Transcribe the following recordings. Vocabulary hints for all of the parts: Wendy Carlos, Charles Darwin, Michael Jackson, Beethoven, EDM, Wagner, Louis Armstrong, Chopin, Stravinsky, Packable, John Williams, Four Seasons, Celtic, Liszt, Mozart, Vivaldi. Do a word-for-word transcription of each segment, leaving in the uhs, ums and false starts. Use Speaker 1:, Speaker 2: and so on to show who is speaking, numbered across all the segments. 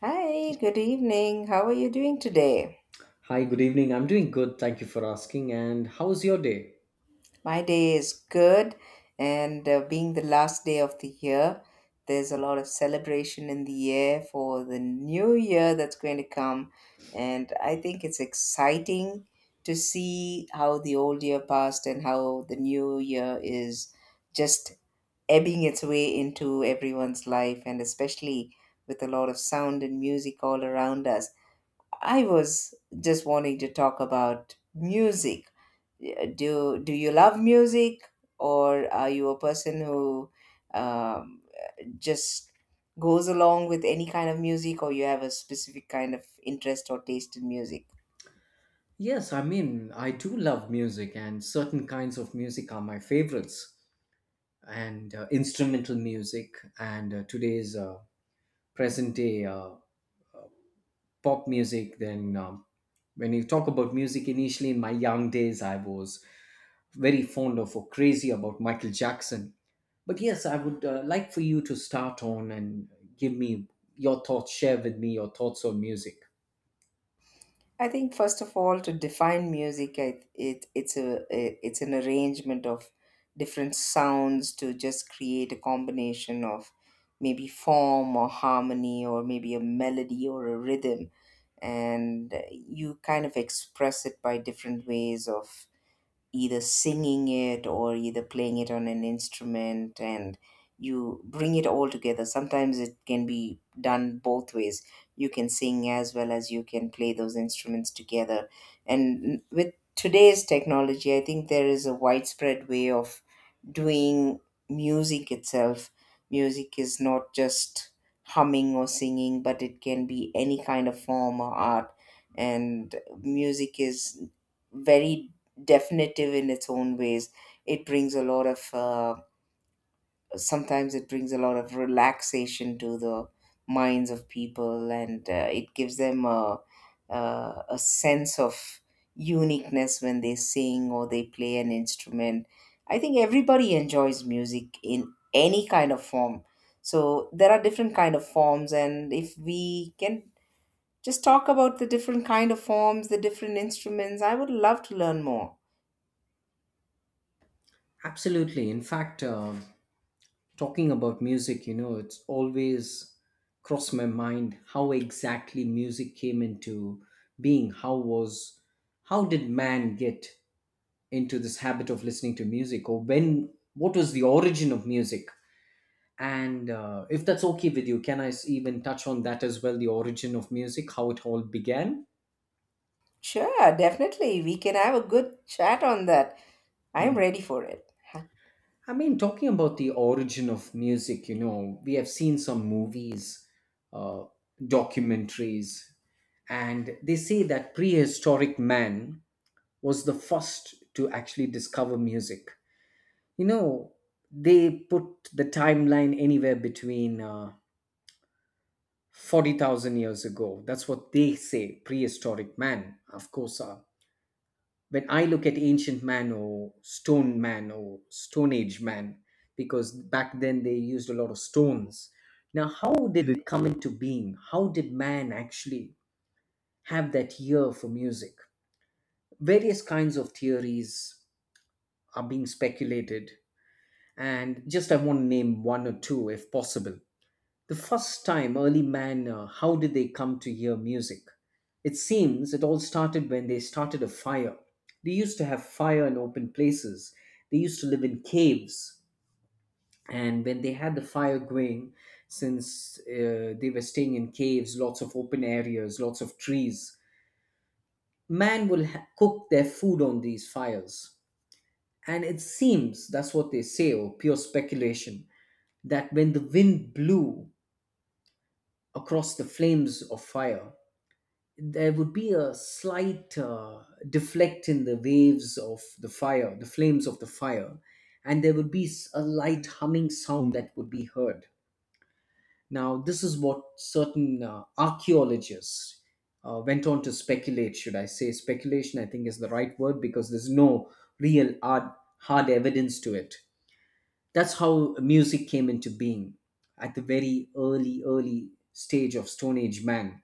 Speaker 1: Hi, good evening. How are you doing today?
Speaker 2: Hi, good evening. I'm doing good. Thank you for asking. And how's your day?
Speaker 1: My day is good, and uh, being the last day of the year, there's a lot of celebration in the air for the new year that's going to come. And I think it's exciting to see how the old year passed and how the new year is just ebbing its way into everyone's life, and especially with a lot of sound and music all around us. I was just wanting to talk about music. Yeah, Do do you love music, or are you a person who um, just goes along with any kind of music, or you have a specific kind of interest or taste in music?
Speaker 2: Yes, I mean, I do love music, and certain kinds of music are my favorites, and uh, instrumental music, and uh, today's uh, present day uh, pop music. Then, um, when you talk about music, initially in my young days, I was very fond of or crazy about Michael Jackson. But yes, I would uh, like for you to start on and give me your thoughts, share with me your thoughts on music.
Speaker 1: I think first of all, to define music, I, it it's a it's an arrangement of different sounds to just create a combination of maybe form or harmony or maybe a melody or a rhythm, and you kind of express it by different ways of either singing it or either playing it on an instrument, and you bring it all together. Sometimes it can be done both ways. You can sing as well as you can play those instruments together. And with today's technology, I think there is a widespread way of doing music itself. Music is not just humming or singing, but it can be any kind of form or art, and music is very definitive in its own ways. It brings a lot of uh, sometimes it brings a lot of relaxation to the minds of people, and uh, it gives them a, a a sense of uniqueness when they sing or they play an instrument. I think everybody enjoys music in any kind of form. So there are different kind of forms, and if we can just talk about the different kind of forms, the different instruments, I would love to learn more.
Speaker 2: Absolutely. In fact, uh, talking about music, you know, it's always crossed my mind how exactly music came into being. How was, how did man get into this habit of listening to music, or when? What was the origin of music? And uh, if that's okay with you, can I s- even touch on that as well? The origin of music, how it all began.
Speaker 1: Sure, definitely. We can have a good chat on that. I'm
Speaker 2: Hmm.
Speaker 1: ready for it. Huh.
Speaker 2: I mean, talking about the origin of music, you know, we have seen some movies, uh, documentaries, and they say that prehistoric man was the first to actually discover music. You know, they put the timeline anywhere between uh, forty thousand years ago. That's what they say, prehistoric man. Of course, uh, when I look at ancient man or stone man or stone age man, because back then they used a lot of stones. Now, how did it come into being? How did man actually have that ear for music? Various kinds of theories are being speculated, and just I want to name one or two if possible. The first time early man, uh, how did they come to hear music? It seems it all started when they started a fire. They used to have fire in open places, they used to live in caves. And when they had the fire going, since uh, they were staying in caves, lots of open areas, lots of trees, man will ha- cook their food on these fires. And it seems that's what they say, or pure speculation, that when the wind blew across the flames of fire, there would be a slight uh, deflect in the waves of the fire, the flames of the fire, and there would be s- a light humming sound that would be heard. Now, this is what certain uh, archaeologists uh, went on to speculate, should I say. Speculation, I think, is the right word because there's no real hard, hard evidence to it. That's how music came into being at the very early, early stage of Stone Age man.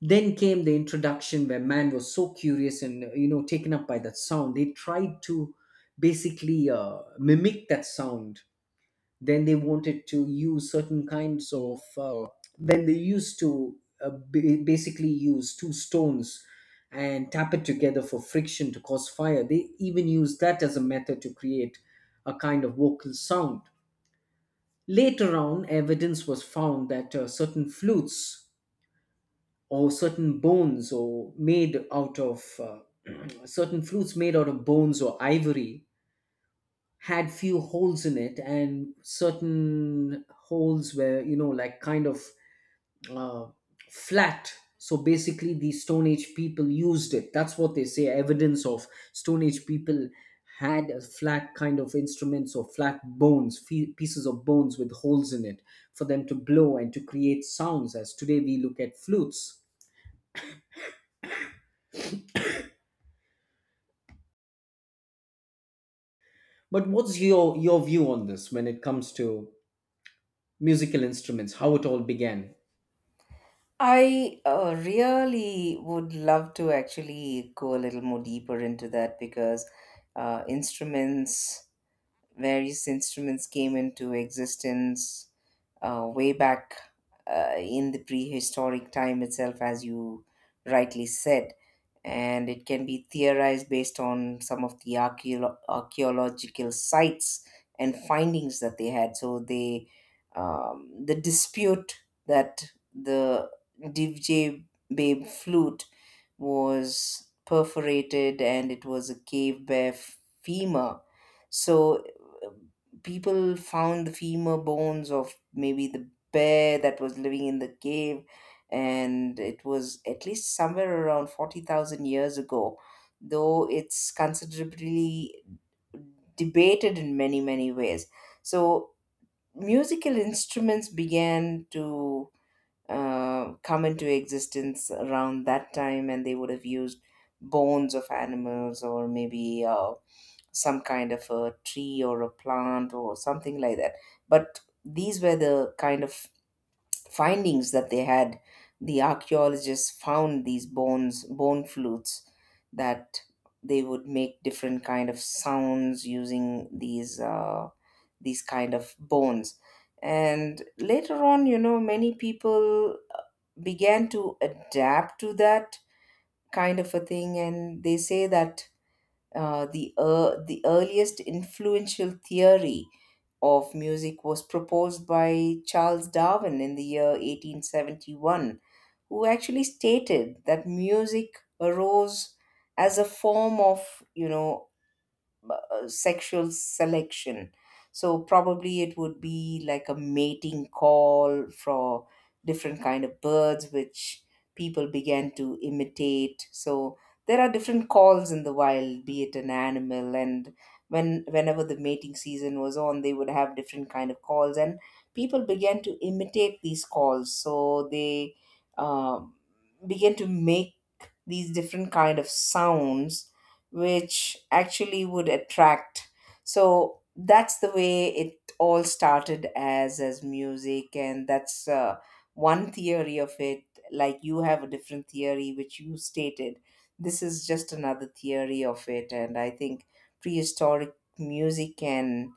Speaker 2: Then came the introduction where man was so curious and uh, you know taken up by that sound. They tried to basically uh, mimic that sound. Then they wanted to use certain kinds of uh, then they used to uh, ba- basically use two stones and tap it together for friction to cause fire. They even used that as a method to create a kind of vocal sound. Later on, evidence was found that uh, certain flutes or certain bones, or made out of uh, certain flutes made out of bones or ivory, had few holes in it, and certain holes were you know like kind of uh, flat. So basically the stone age people used it. That's what they say. Evidence of stone age people had a flat kind of instruments or flat bones, fe- pieces of bones with holes in it, for them to blow and to create sounds, as today we look at flutes. But what's your your view on this when it comes to musical instruments? How it all began?
Speaker 1: I uh, really would love to actually go a little more deeper into that because uh, instruments, various instruments came into existence uh, way back uh, in the prehistoric time itself, as you rightly said. And it can be theorized based on some of the archeolo- archaeological sites and findings that they had. So they, um, the dispute that the D J babe flute was perforated, and it was a cave bear femur. So people found the femur bones of maybe the bear that was living in the cave, and it was at least somewhere around forty thousand years ago, though it's considerably debated in many many ways. So musical instruments began to uh, come into existence around that time, and they would have used bones of animals or maybe uh, some kind of a tree or a plant or something like that. But these were the kind of findings that they had. The archaeologists found these bones, bone flutes, that they would make different kind of sounds using these uh, these kind of bones. And later on, you know, many people began to adapt to that kind of a thing, and they say that uh, the, ear the earliest influential theory of music was proposed by Charles Darwin in the year eighteen seventy-one, who actually stated that music arose as a form of, you know, uh, sexual selection. So probably it would be like a mating call for different kind of birds, which people began to imitate. So there are different calls in the wild, be it an animal, and when whenever the mating season was on, they would have different kind of calls, and people began to imitate these calls. So they uh, began to make these different kind of sounds which actually would attract. So that's the way it all started as as music, and that's uh, one theory of it. Like you have a different theory which you stated. This is just another theory of it, and I think prehistoric music can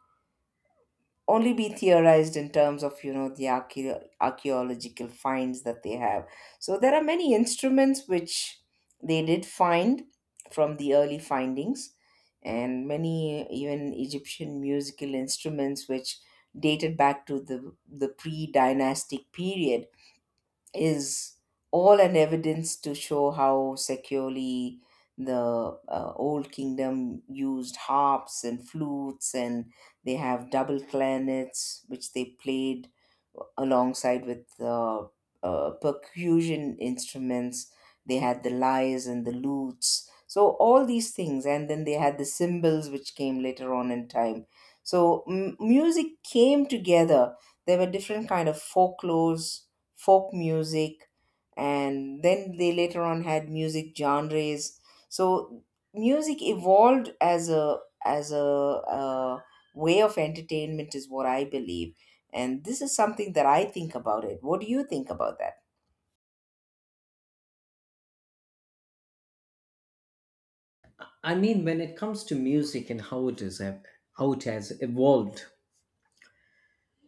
Speaker 1: only be theorized in terms of, you know, the archae- archaeological finds that they have. So there are many instruments which they did find from the early findings, and many even Egyptian musical instruments which dated back to the the pre-dynastic period is all an evidence to show how securely the uh, old kingdom used harps and flutes, and they have double clarinets which they played alongside with uh, uh, percussion instruments. They had the lyres and the lutes, so all these things, and then they had the cymbals which came later on in time. So m- music came together. There were different kind of folklores, folk music, and then they later on had music genres. So music evolved as a as a, uh way of entertainment is what I believe, and this is something that I think about it. What do you think about that?
Speaker 2: I mean, when it comes to music and how it is ev- how it has evolved.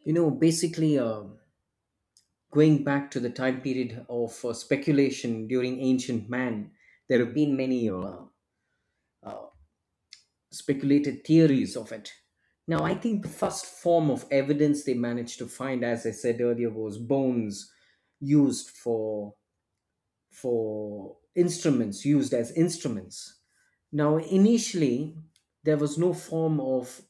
Speaker 2: You know, basically, uh, going back to the time period of uh, speculation during ancient man, there have been many uh, uh, speculated theories of it. Now, I think the first form of evidence they managed to find, as I said earlier, was bones used for for instruments, used as instruments. Now, initially, there was no form of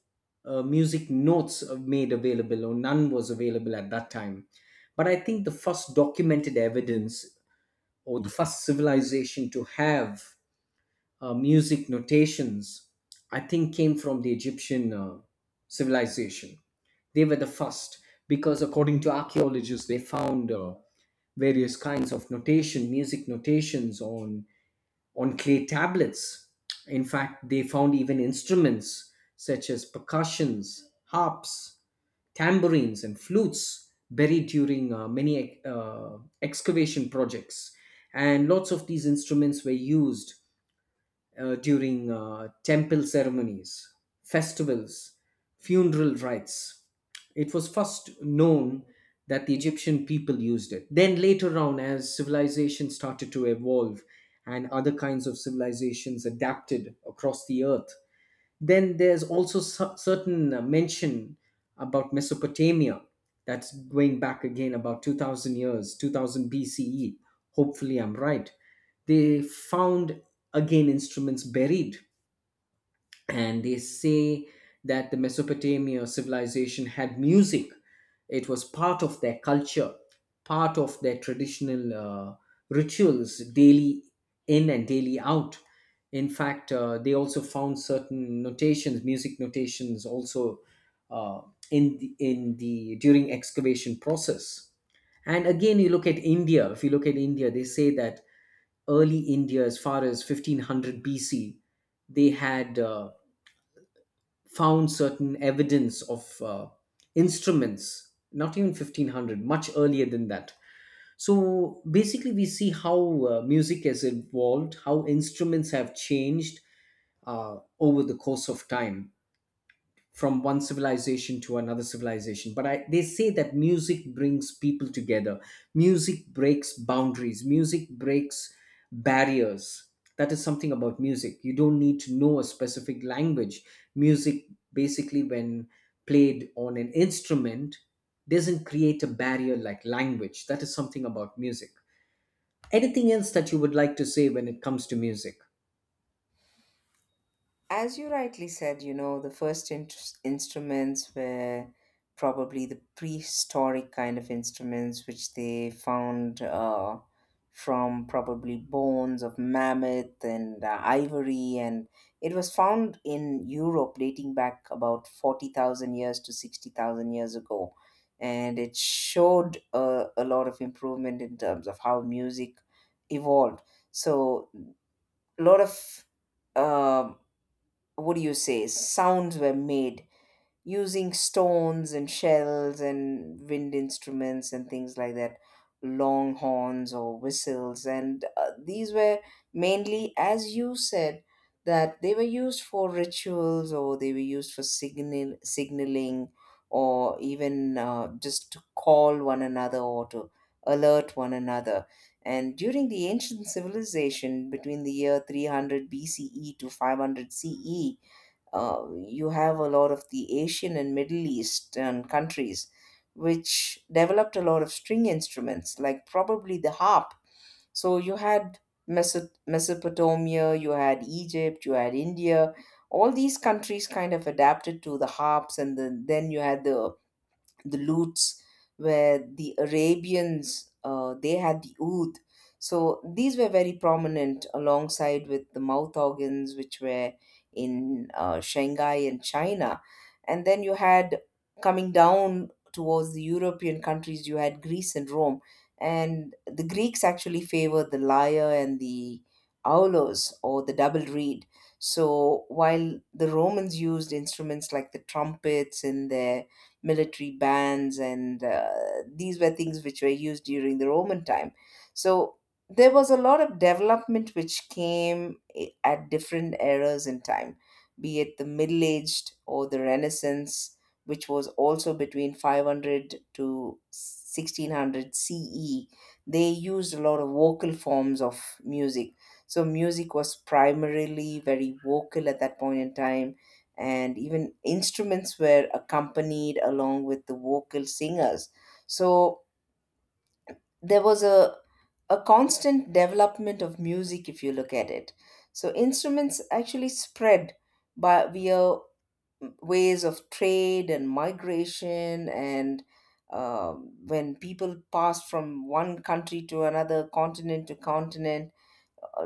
Speaker 2: uh, music notes made available, or none was available at that time. But I think the first documented evidence, or the first civilization to have uh, music notations, I think came from the Egyptian uh, civilization. They were the first because, according to archaeologists, they found uh, various kinds of notation, music notations, on on clay tablets. In fact, they found even instruments such as percussions, harps, tambourines, and flutes buried during uh, many uh, excavation projects. And lots of these instruments were used uh, during uh, temple ceremonies, festivals, funeral rites. It was first known that the Egyptian people used it. Then later on, as civilization started to evolve and other kinds of civilizations adapted across the earth, then there's also cer- certain uh, mention about Mesopotamia, that's going back again about two thousand years, two thousand B C E. Hopefully, I'm right. They found again instruments buried, and they say that the Mesopotamia civilization had music. It was part of their culture, part of their traditional uh, rituals, daily in and daily out. In fact, uh, they also found certain notations, music notations, also uh, in the, in the during excavation process. And again, you look at India. If you look at India, they say that early India, as far as fifteen hundred B C, they had uh, found certain evidence of uh, instruments, not even fifteen hundred, much earlier than that. So basically, we see how uh, music has evolved, how instruments have changed uh, over the course of time, from one civilization to another civilization, but I, they say that music brings people together, music breaks boundaries, music breaks barriers. That is something about music: you don't need to know a specific language. Music, basically, when played on an instrument, doesn't create a barrier like language. That is something about music. Anything else that you would like to say when it comes to music?
Speaker 1: As you rightly said, you know, the first in- instruments were probably the prehistoric kind of instruments which they found uh, from probably bones of mammoth and uh, ivory. And it was found in Europe dating back about forty thousand years to sixty thousand years ago. And it showed uh, a lot of improvement in terms of how music evolved. So, a lot of um, what do you say, sounds were made using stones and shells and wind instruments and things like that, long horns or whistles. And uh, these were mainly, as you said, that they were used for rituals or they were used for signal, signaling or even uh, just to call one another or to alert one another. And during the ancient civilization between the year three hundred B C E to five hundred C E, uh, you have a lot of the Asian and Middle Eastern countries which developed a lot of string instruments, like probably the harp. So you had Meso- Mesopotamia, you had Egypt, you had India. All these countries kind of adapted to the harps, and then then you had the the lutes, where the Arabians, uh, they had the oud. So these were very prominent alongside with the mouth organs, which were in uh, Shanghai and China. And then you had, coming down towards the European countries, you had Greece and Rome, and the Greeks actually favored the lyre and the aulos or the double reed. So while the Romans used instruments like the trumpets in their military bands, and uh, these were things which were used during the Roman time. So there was a lot of development which came i- at different eras in time, be it the Middle Aged or the Renaissance, which was also between five hundred to sixteen hundred C E. They used a lot of vocal forms of music. So music was primarily very vocal at that point in time, and even instruments were accompanied along with the vocal singers. So there was a a constant development of music if you look at it. So instruments actually spread by via ways of trade and migration, and uh, when people passed from one country to another, continent to continent,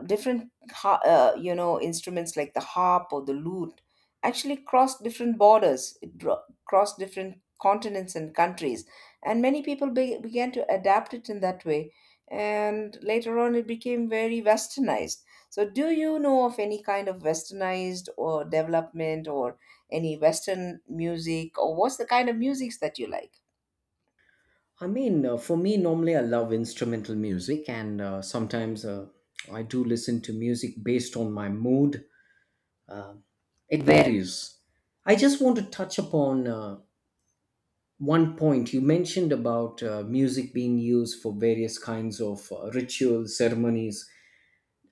Speaker 1: different ha- uh, you know, instruments like the harp or the lute actually crossed different borders. It dro- crossed different continents and countries, and many people be- began to adapt it in that way, and later on it became very westernized. So do you know of any kind of westernized or development or any western music, or what's the kind of musics that you like?
Speaker 2: I mean, uh, for me, normally I love instrumental music, and uh, sometimes uh, I do listen to music based on my mood. Uh, it varies. I just want to touch upon uh, one point you mentioned about uh, music being used for various kinds of uh, rituals, ceremonies.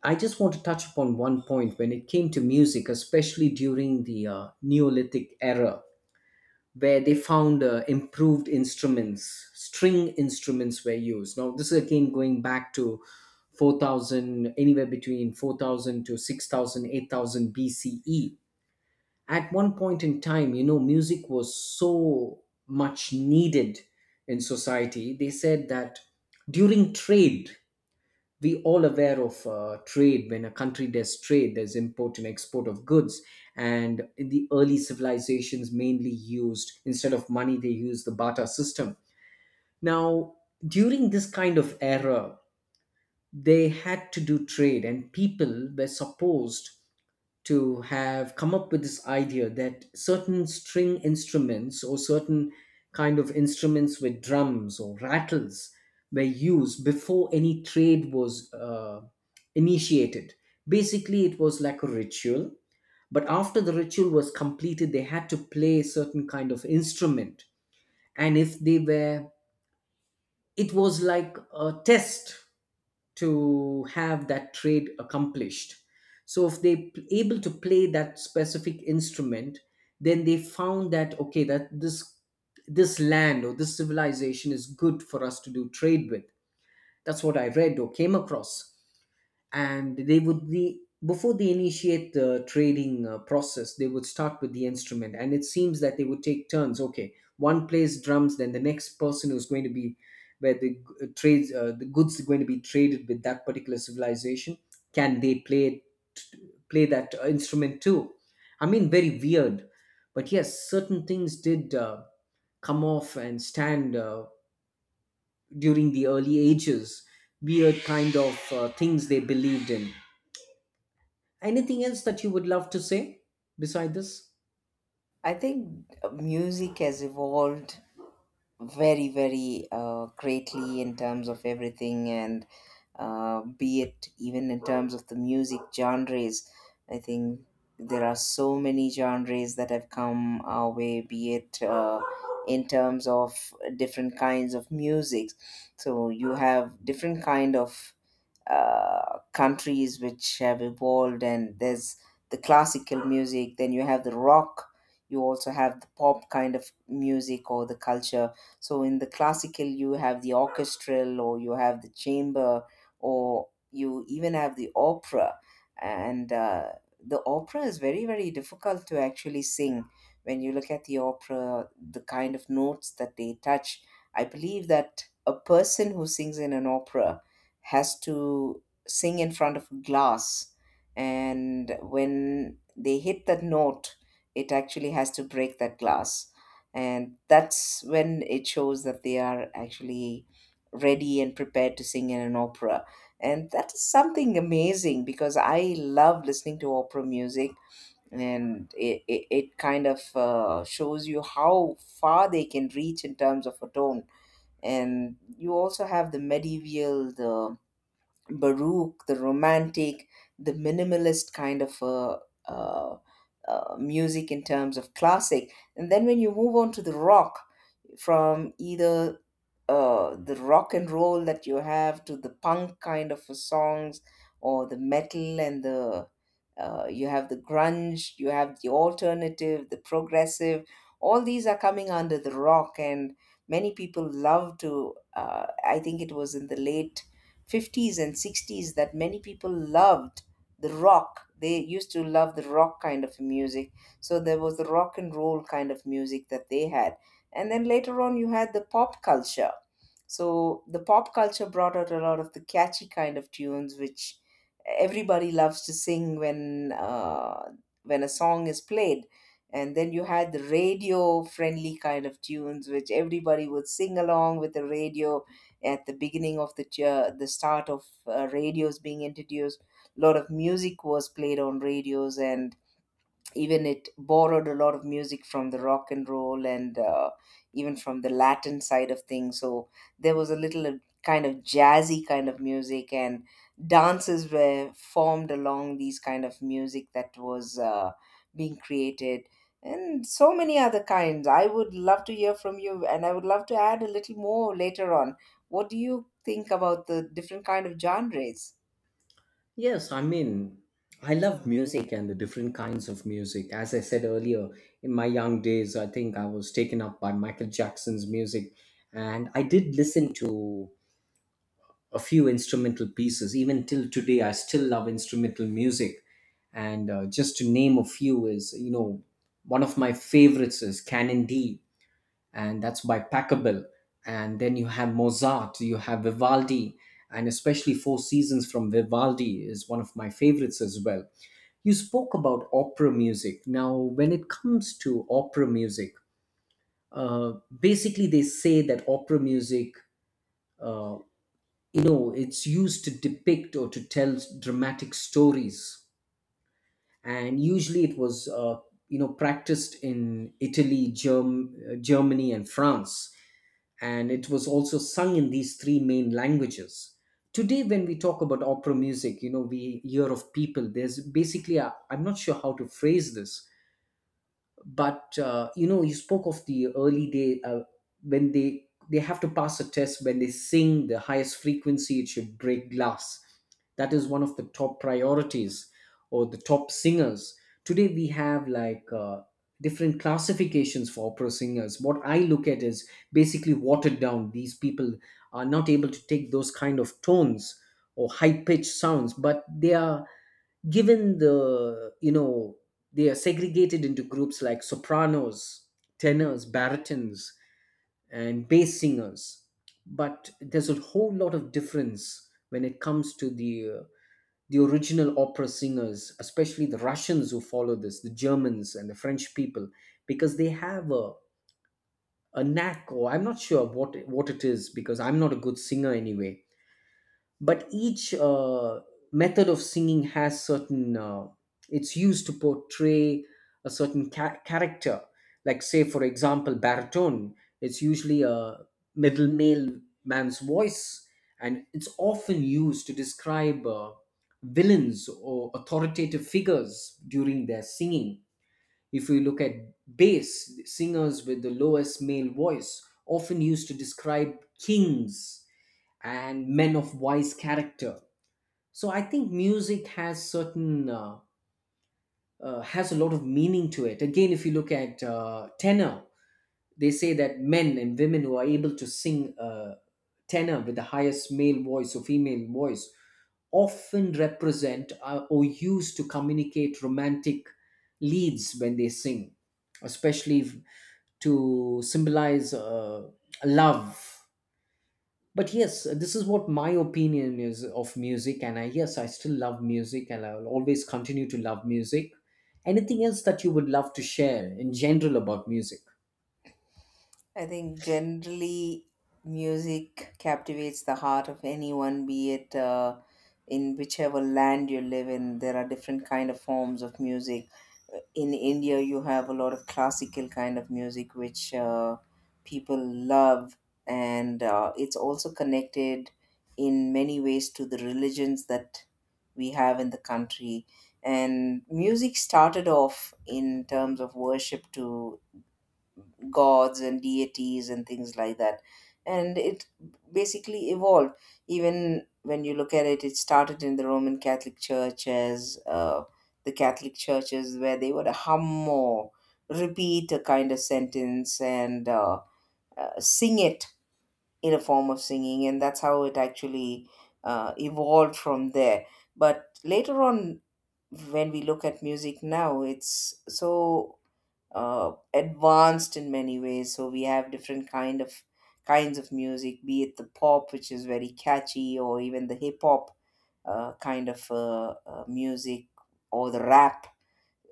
Speaker 2: I just want to touch upon one point when it came to music, especially during the uh, Neolithic era, where they found uh, improved instruments, string instruments were used. Now, this is again going back to four thousand, anywhere between four thousand to six thousand, eight thousand BCE. At one point in time, you know music was so much needed in society. They said that during trade, we all aware of uh, trade. When a country does trade, there's import and export of goods, and in the early civilizations, mainly, used instead of money, they used the barter system. Now, during this kind of era, they had to do trade, and people were supposed to have come up with this idea that certain string instruments or certain kind of instruments with drums or rattles were used before any trade was uh, initiated. Basically, it was like a ritual, but after the ritual was completed, they had to play a certain kind of instrument. And if they were, it was like a test to have that trade accomplished. So if they p- able to play that specific instrument, then they found that okay, that this this land or this civilization is good for us to do trade with. That's what I read or came across. And they would be, before they initiate the trading uh, process, they would start with the instrument, and it seems that they would take turns: okay, one plays drums, then the next person who's going to be where the uh, trades, uh, the goods are going to be traded with, that particular civilization, can they play play that uh, instrument too? I mean, very weird, but yes, certain things did uh, come off and stand uh, during the early ages. Weird kind of uh, things they believed in. Anything else that you would love to say beside this?
Speaker 1: I think uh, music has evolved very very uh, greatly in terms of everything, and uh, be it even in terms of the music genres, I think there are so many genres that have come our way, be it uh, in terms of different kinds of music. So you have different kind of uh, countries which have evolved, and there's the classical music, then you have the rock, you also have the pop kind of music or the culture. So in the classical you have the orchestral, or you have the chamber, or you even have the opera. And uh, the opera is very very difficult to actually sing. When you look at the opera, the kind of notes that they touch, I believe that a person who sings in an opera has to sing in front of a glass, and when they hit that note, it actually has to break that glass, and that's when it shows that they are actually ready and prepared to sing in an opera. And that is something amazing because I love listening to opera music, and it, it, it kind of uh, shows you how far they can reach in terms of a tone. And you also have the medieval, the baroque, the romantic, the minimalist kind of uh, uh, uh, music in terms of classic. And then when you move on to the rock, from either uh, the rock and roll that you have to the punk kind of a songs or the metal and the uh, you have the grunge, you have the alternative, the progressive. All these are coming under the rock. And many people love to uh, I think it was in the late fifties and sixties that many people loved the rock. They used to love the rock kind of music. So there was the rock and roll kind of music that they had, and then later on, you had the pop culture. So the pop culture brought out a lot of the catchy kind of tunes, which everybody loves to sing when uh, when a song is played. And then you had the radio friendly kind of tunes, which everybody would sing along with the radio at the beginning of the tu- the start of uh, radios being introduced. A lot of music was played on radios, and even it borrowed a lot of music from the rock and roll, and uh, even from the Latin side of things. So there was a little uh, kind of jazzy kind of music, and dances were formed along these kind of music that was uh, being created. And so many other kinds. I would love to hear from you, and I would love to add a little more later on. What do you think about the different kind of genres?
Speaker 2: Yes, I mean, I love music and the different kinds of music. As I said earlier, in my young days, I think I was taken up by Michael Jackson's music, and I did listen to a few instrumental pieces. Even till today, I still love instrumental music. And uh, just to name a few is, you know, one of my favorites is Canon D, and that's by Packable. And then you have Mozart, you have Vivaldi, and especially Four Seasons from Vivaldi is one of my favorites as well. You spoke about opera music. Now, when it comes to opera music, uh, basically they say that opera music, uh, you know, it's used to depict or to tell dramatic stories, and usually it was, uh, you know, practiced in Italy, Germ- Germany, and France, and it was also sung in these three main languages. Today, when we talk about opera music, you know, we hear of people, there's basically, i am not sure how to phrase this, but uh, you know, you spoke of the early day uh, when they they have to pass a test. When they sing the highest frequency, it should break glass. That is one of the top priorities, or the top singers. Today we have like, uh, different classifications for opera singers. What i look at is basically watered down. These people are not able to take those kind of tones or high pitched sounds, but they are given the you know they are segregated into groups like sopranos, tenors, baritons, and bass singers. But there's a whole lot of difference when it comes to the uh, the original opera singers, especially the russians who follow this, the germans and the french people, because they have a, a knack, or i'm not sure what what it is, because i'm not a good singer anyway. But each uh, method of singing has certain uh, it's used to portray a certain ca- character. Like, say for example, baritone, it's usually a middle male man's voice, and it's often used to describe, uh, villains or authoritative figures during their singing. If we look at bass singers, with the lowest male voice, often used to describe kings and men of wise character. So I think music has certain uh, uh, has a lot of meaning to it. Again, if you look at, uh, tenor, they say that men and women who are able to sing uh, tenor, with the highest male voice or female voice, often represent, uh, or used to communicate romantic leads when they sing, especially if- to symbolize, uh, love. But yes, this is what my opinion is of music, and i yes, i still love music, and i will always continue to love music. Anything else that you would love to share in general about music?
Speaker 1: I think generally music captivates the heart of anyone, be it uh, in whichever land you live in. There are different kind of forms of music. In India, you have a lot of classical kind of music which uh, people love, and uh, it's also connected in many ways to the religions that we have in the country. And music started off in terms of worship to gods and deities and things like that. And it basically evolved. Even when you look at it, it started in the Roman Catholic Church as uh, the Catholic churches, where they would hum or repeat a kind of sentence and uh, uh, sing it in a form of singing. And that's how it actually uh, evolved from there. But later on, when we look at music now, it's so uh, advanced in many ways. So we have different kind of kinds of music, be it the pop, which is very catchy, or even the hip hop uh, kind of uh, uh, music, or the rap.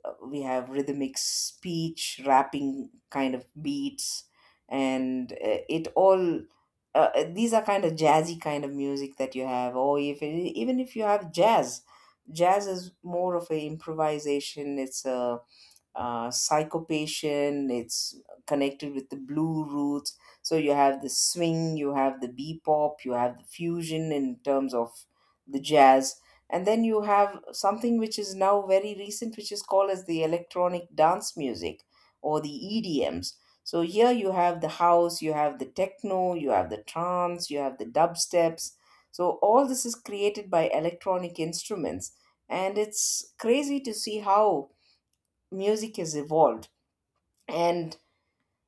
Speaker 1: Uh, we have rhythmic speech, rapping kind of beats, and uh, it all uh, uh, these are kind of jazzy kind of music that you have. Or if even if you have jazz, jazz is more of a improvisation. It's a uh, psychopatient, it's connected with the blue roots. So you have the swing, you have the bebop, you have the fusion in terms of the jazz. And then you have something which is now very recent, which is called as the electronic dance music or the E D Ms. So here you have the house, you have the techno, you have the trance, you have the dubsteps. So all this is created by electronic instruments. And it's crazy to see how music has evolved. And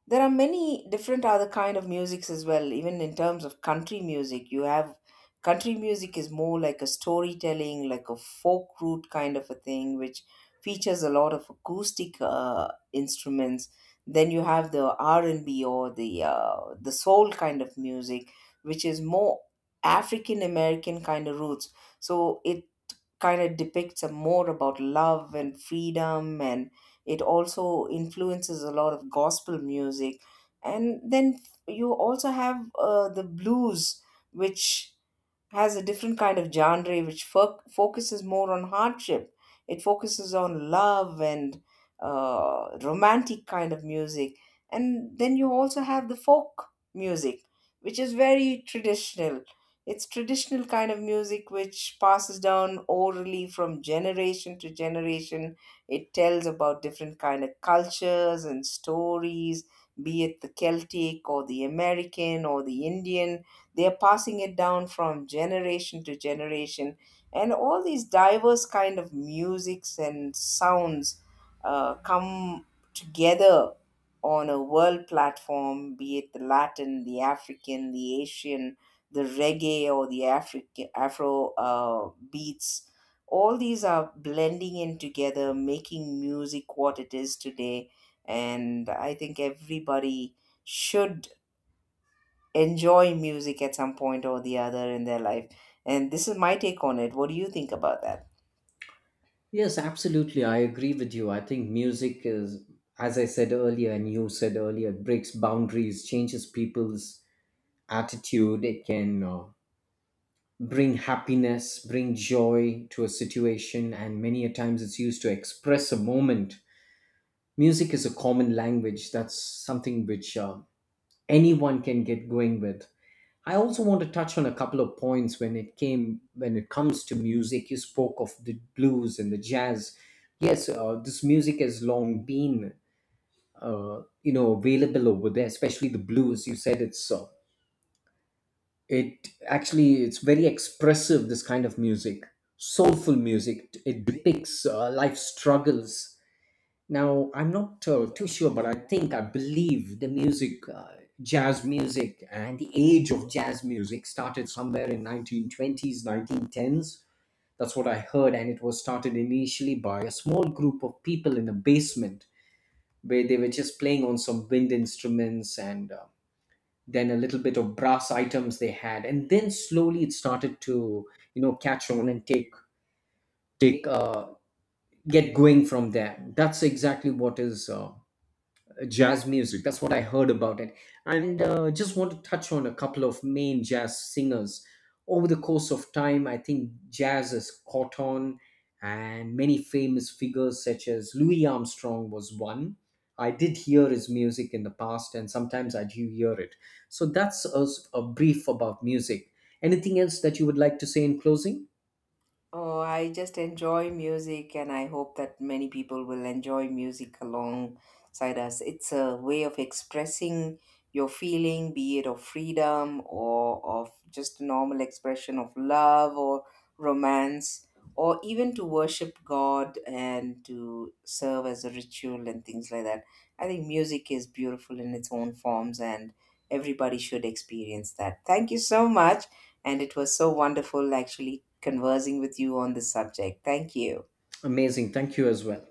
Speaker 1: there are many different other kind of musics as well. Even in terms of country music, you have, country music is more like a storytelling, like a folk root kind of a thing, which features a lot of acoustic uh, instruments. Then you have the R and B or the uh, the soul kind of music, which is more African American kind of roots. So it kind of depicts a more about love and freedom, and it also influences a lot of gospel music. And then you also have uh, the blues, which has a different kind of genre, which fo- focuses more on hardship. It focuses on love and uh, romantic kind of music. And then you also have the folk music, which is very traditional. It's traditional kind of music which passes down orally from generation to generation. It tells about different kind of cultures and stories, be it the Celtic or the American or the Indian. They are passing it down from generation to generation, and all these diverse kind of musics and sounds uh, come together on a world platform, be it the Latin, the African, the Asian, the reggae or the African Afro uh, beats. All these are blending in together, making music what it is today. And I think everybody should enjoy music at some point or the other in their life. And this is my take on it. What do you think about that?
Speaker 2: Yes, absolutely, I agree with you. I think music is, as I said earlier and you said earlier, it breaks boundaries, changes people's attitude. It can uh, bring happiness, bring joy to a situation, and many a times it's used to express a moment. Music is a common language. That's something which, uh, anyone can get going with. I also want to touch on a couple of points when it came when it comes to music. You spoke of the blues and the jazz. Yes, uh, this music has long been uh, you know, available over there, especially the blues. You said it's uh, it actually it's very expressive. This kind of music, soulful music. It depicts, uh, life struggles. Now, I'm not uh, too sure, but I think I believe the music, uh, jazz music, and the age of jazz music started somewhere in nineteen twenties, nineteen tens. That's what I heard, and it was started initially by a small group of people in a basement, where they were just playing on some wind instruments, and uh, then a little bit of brass items they had, and then slowly it started to, you know, catch on and take take uh, get going from there. That's exactly what is. Uh, jazz music. That's what I heard about it. And uh, just want to touch on a couple of main jazz singers. Over the course of time, I think jazz has caught on, and many famous figures such as Louis Armstrong was one. I did hear his music in the past, and sometimes I do hear it. So that's a, a brief about music. Anything else that you would like to say in closing?
Speaker 1: Oh, I just enjoy music, and I hope that many people will enjoy music alongside us. It's a way of expressing your feeling, be it of freedom or of just normal expression of love or romance, or even to worship God and to serve as a ritual and things like that. I think music is beautiful in its own forms, and everybody should experience that. Thank you so much. And it was so wonderful actually conversing with you on this subject. Thank you.
Speaker 2: Amazing. Thank you as well.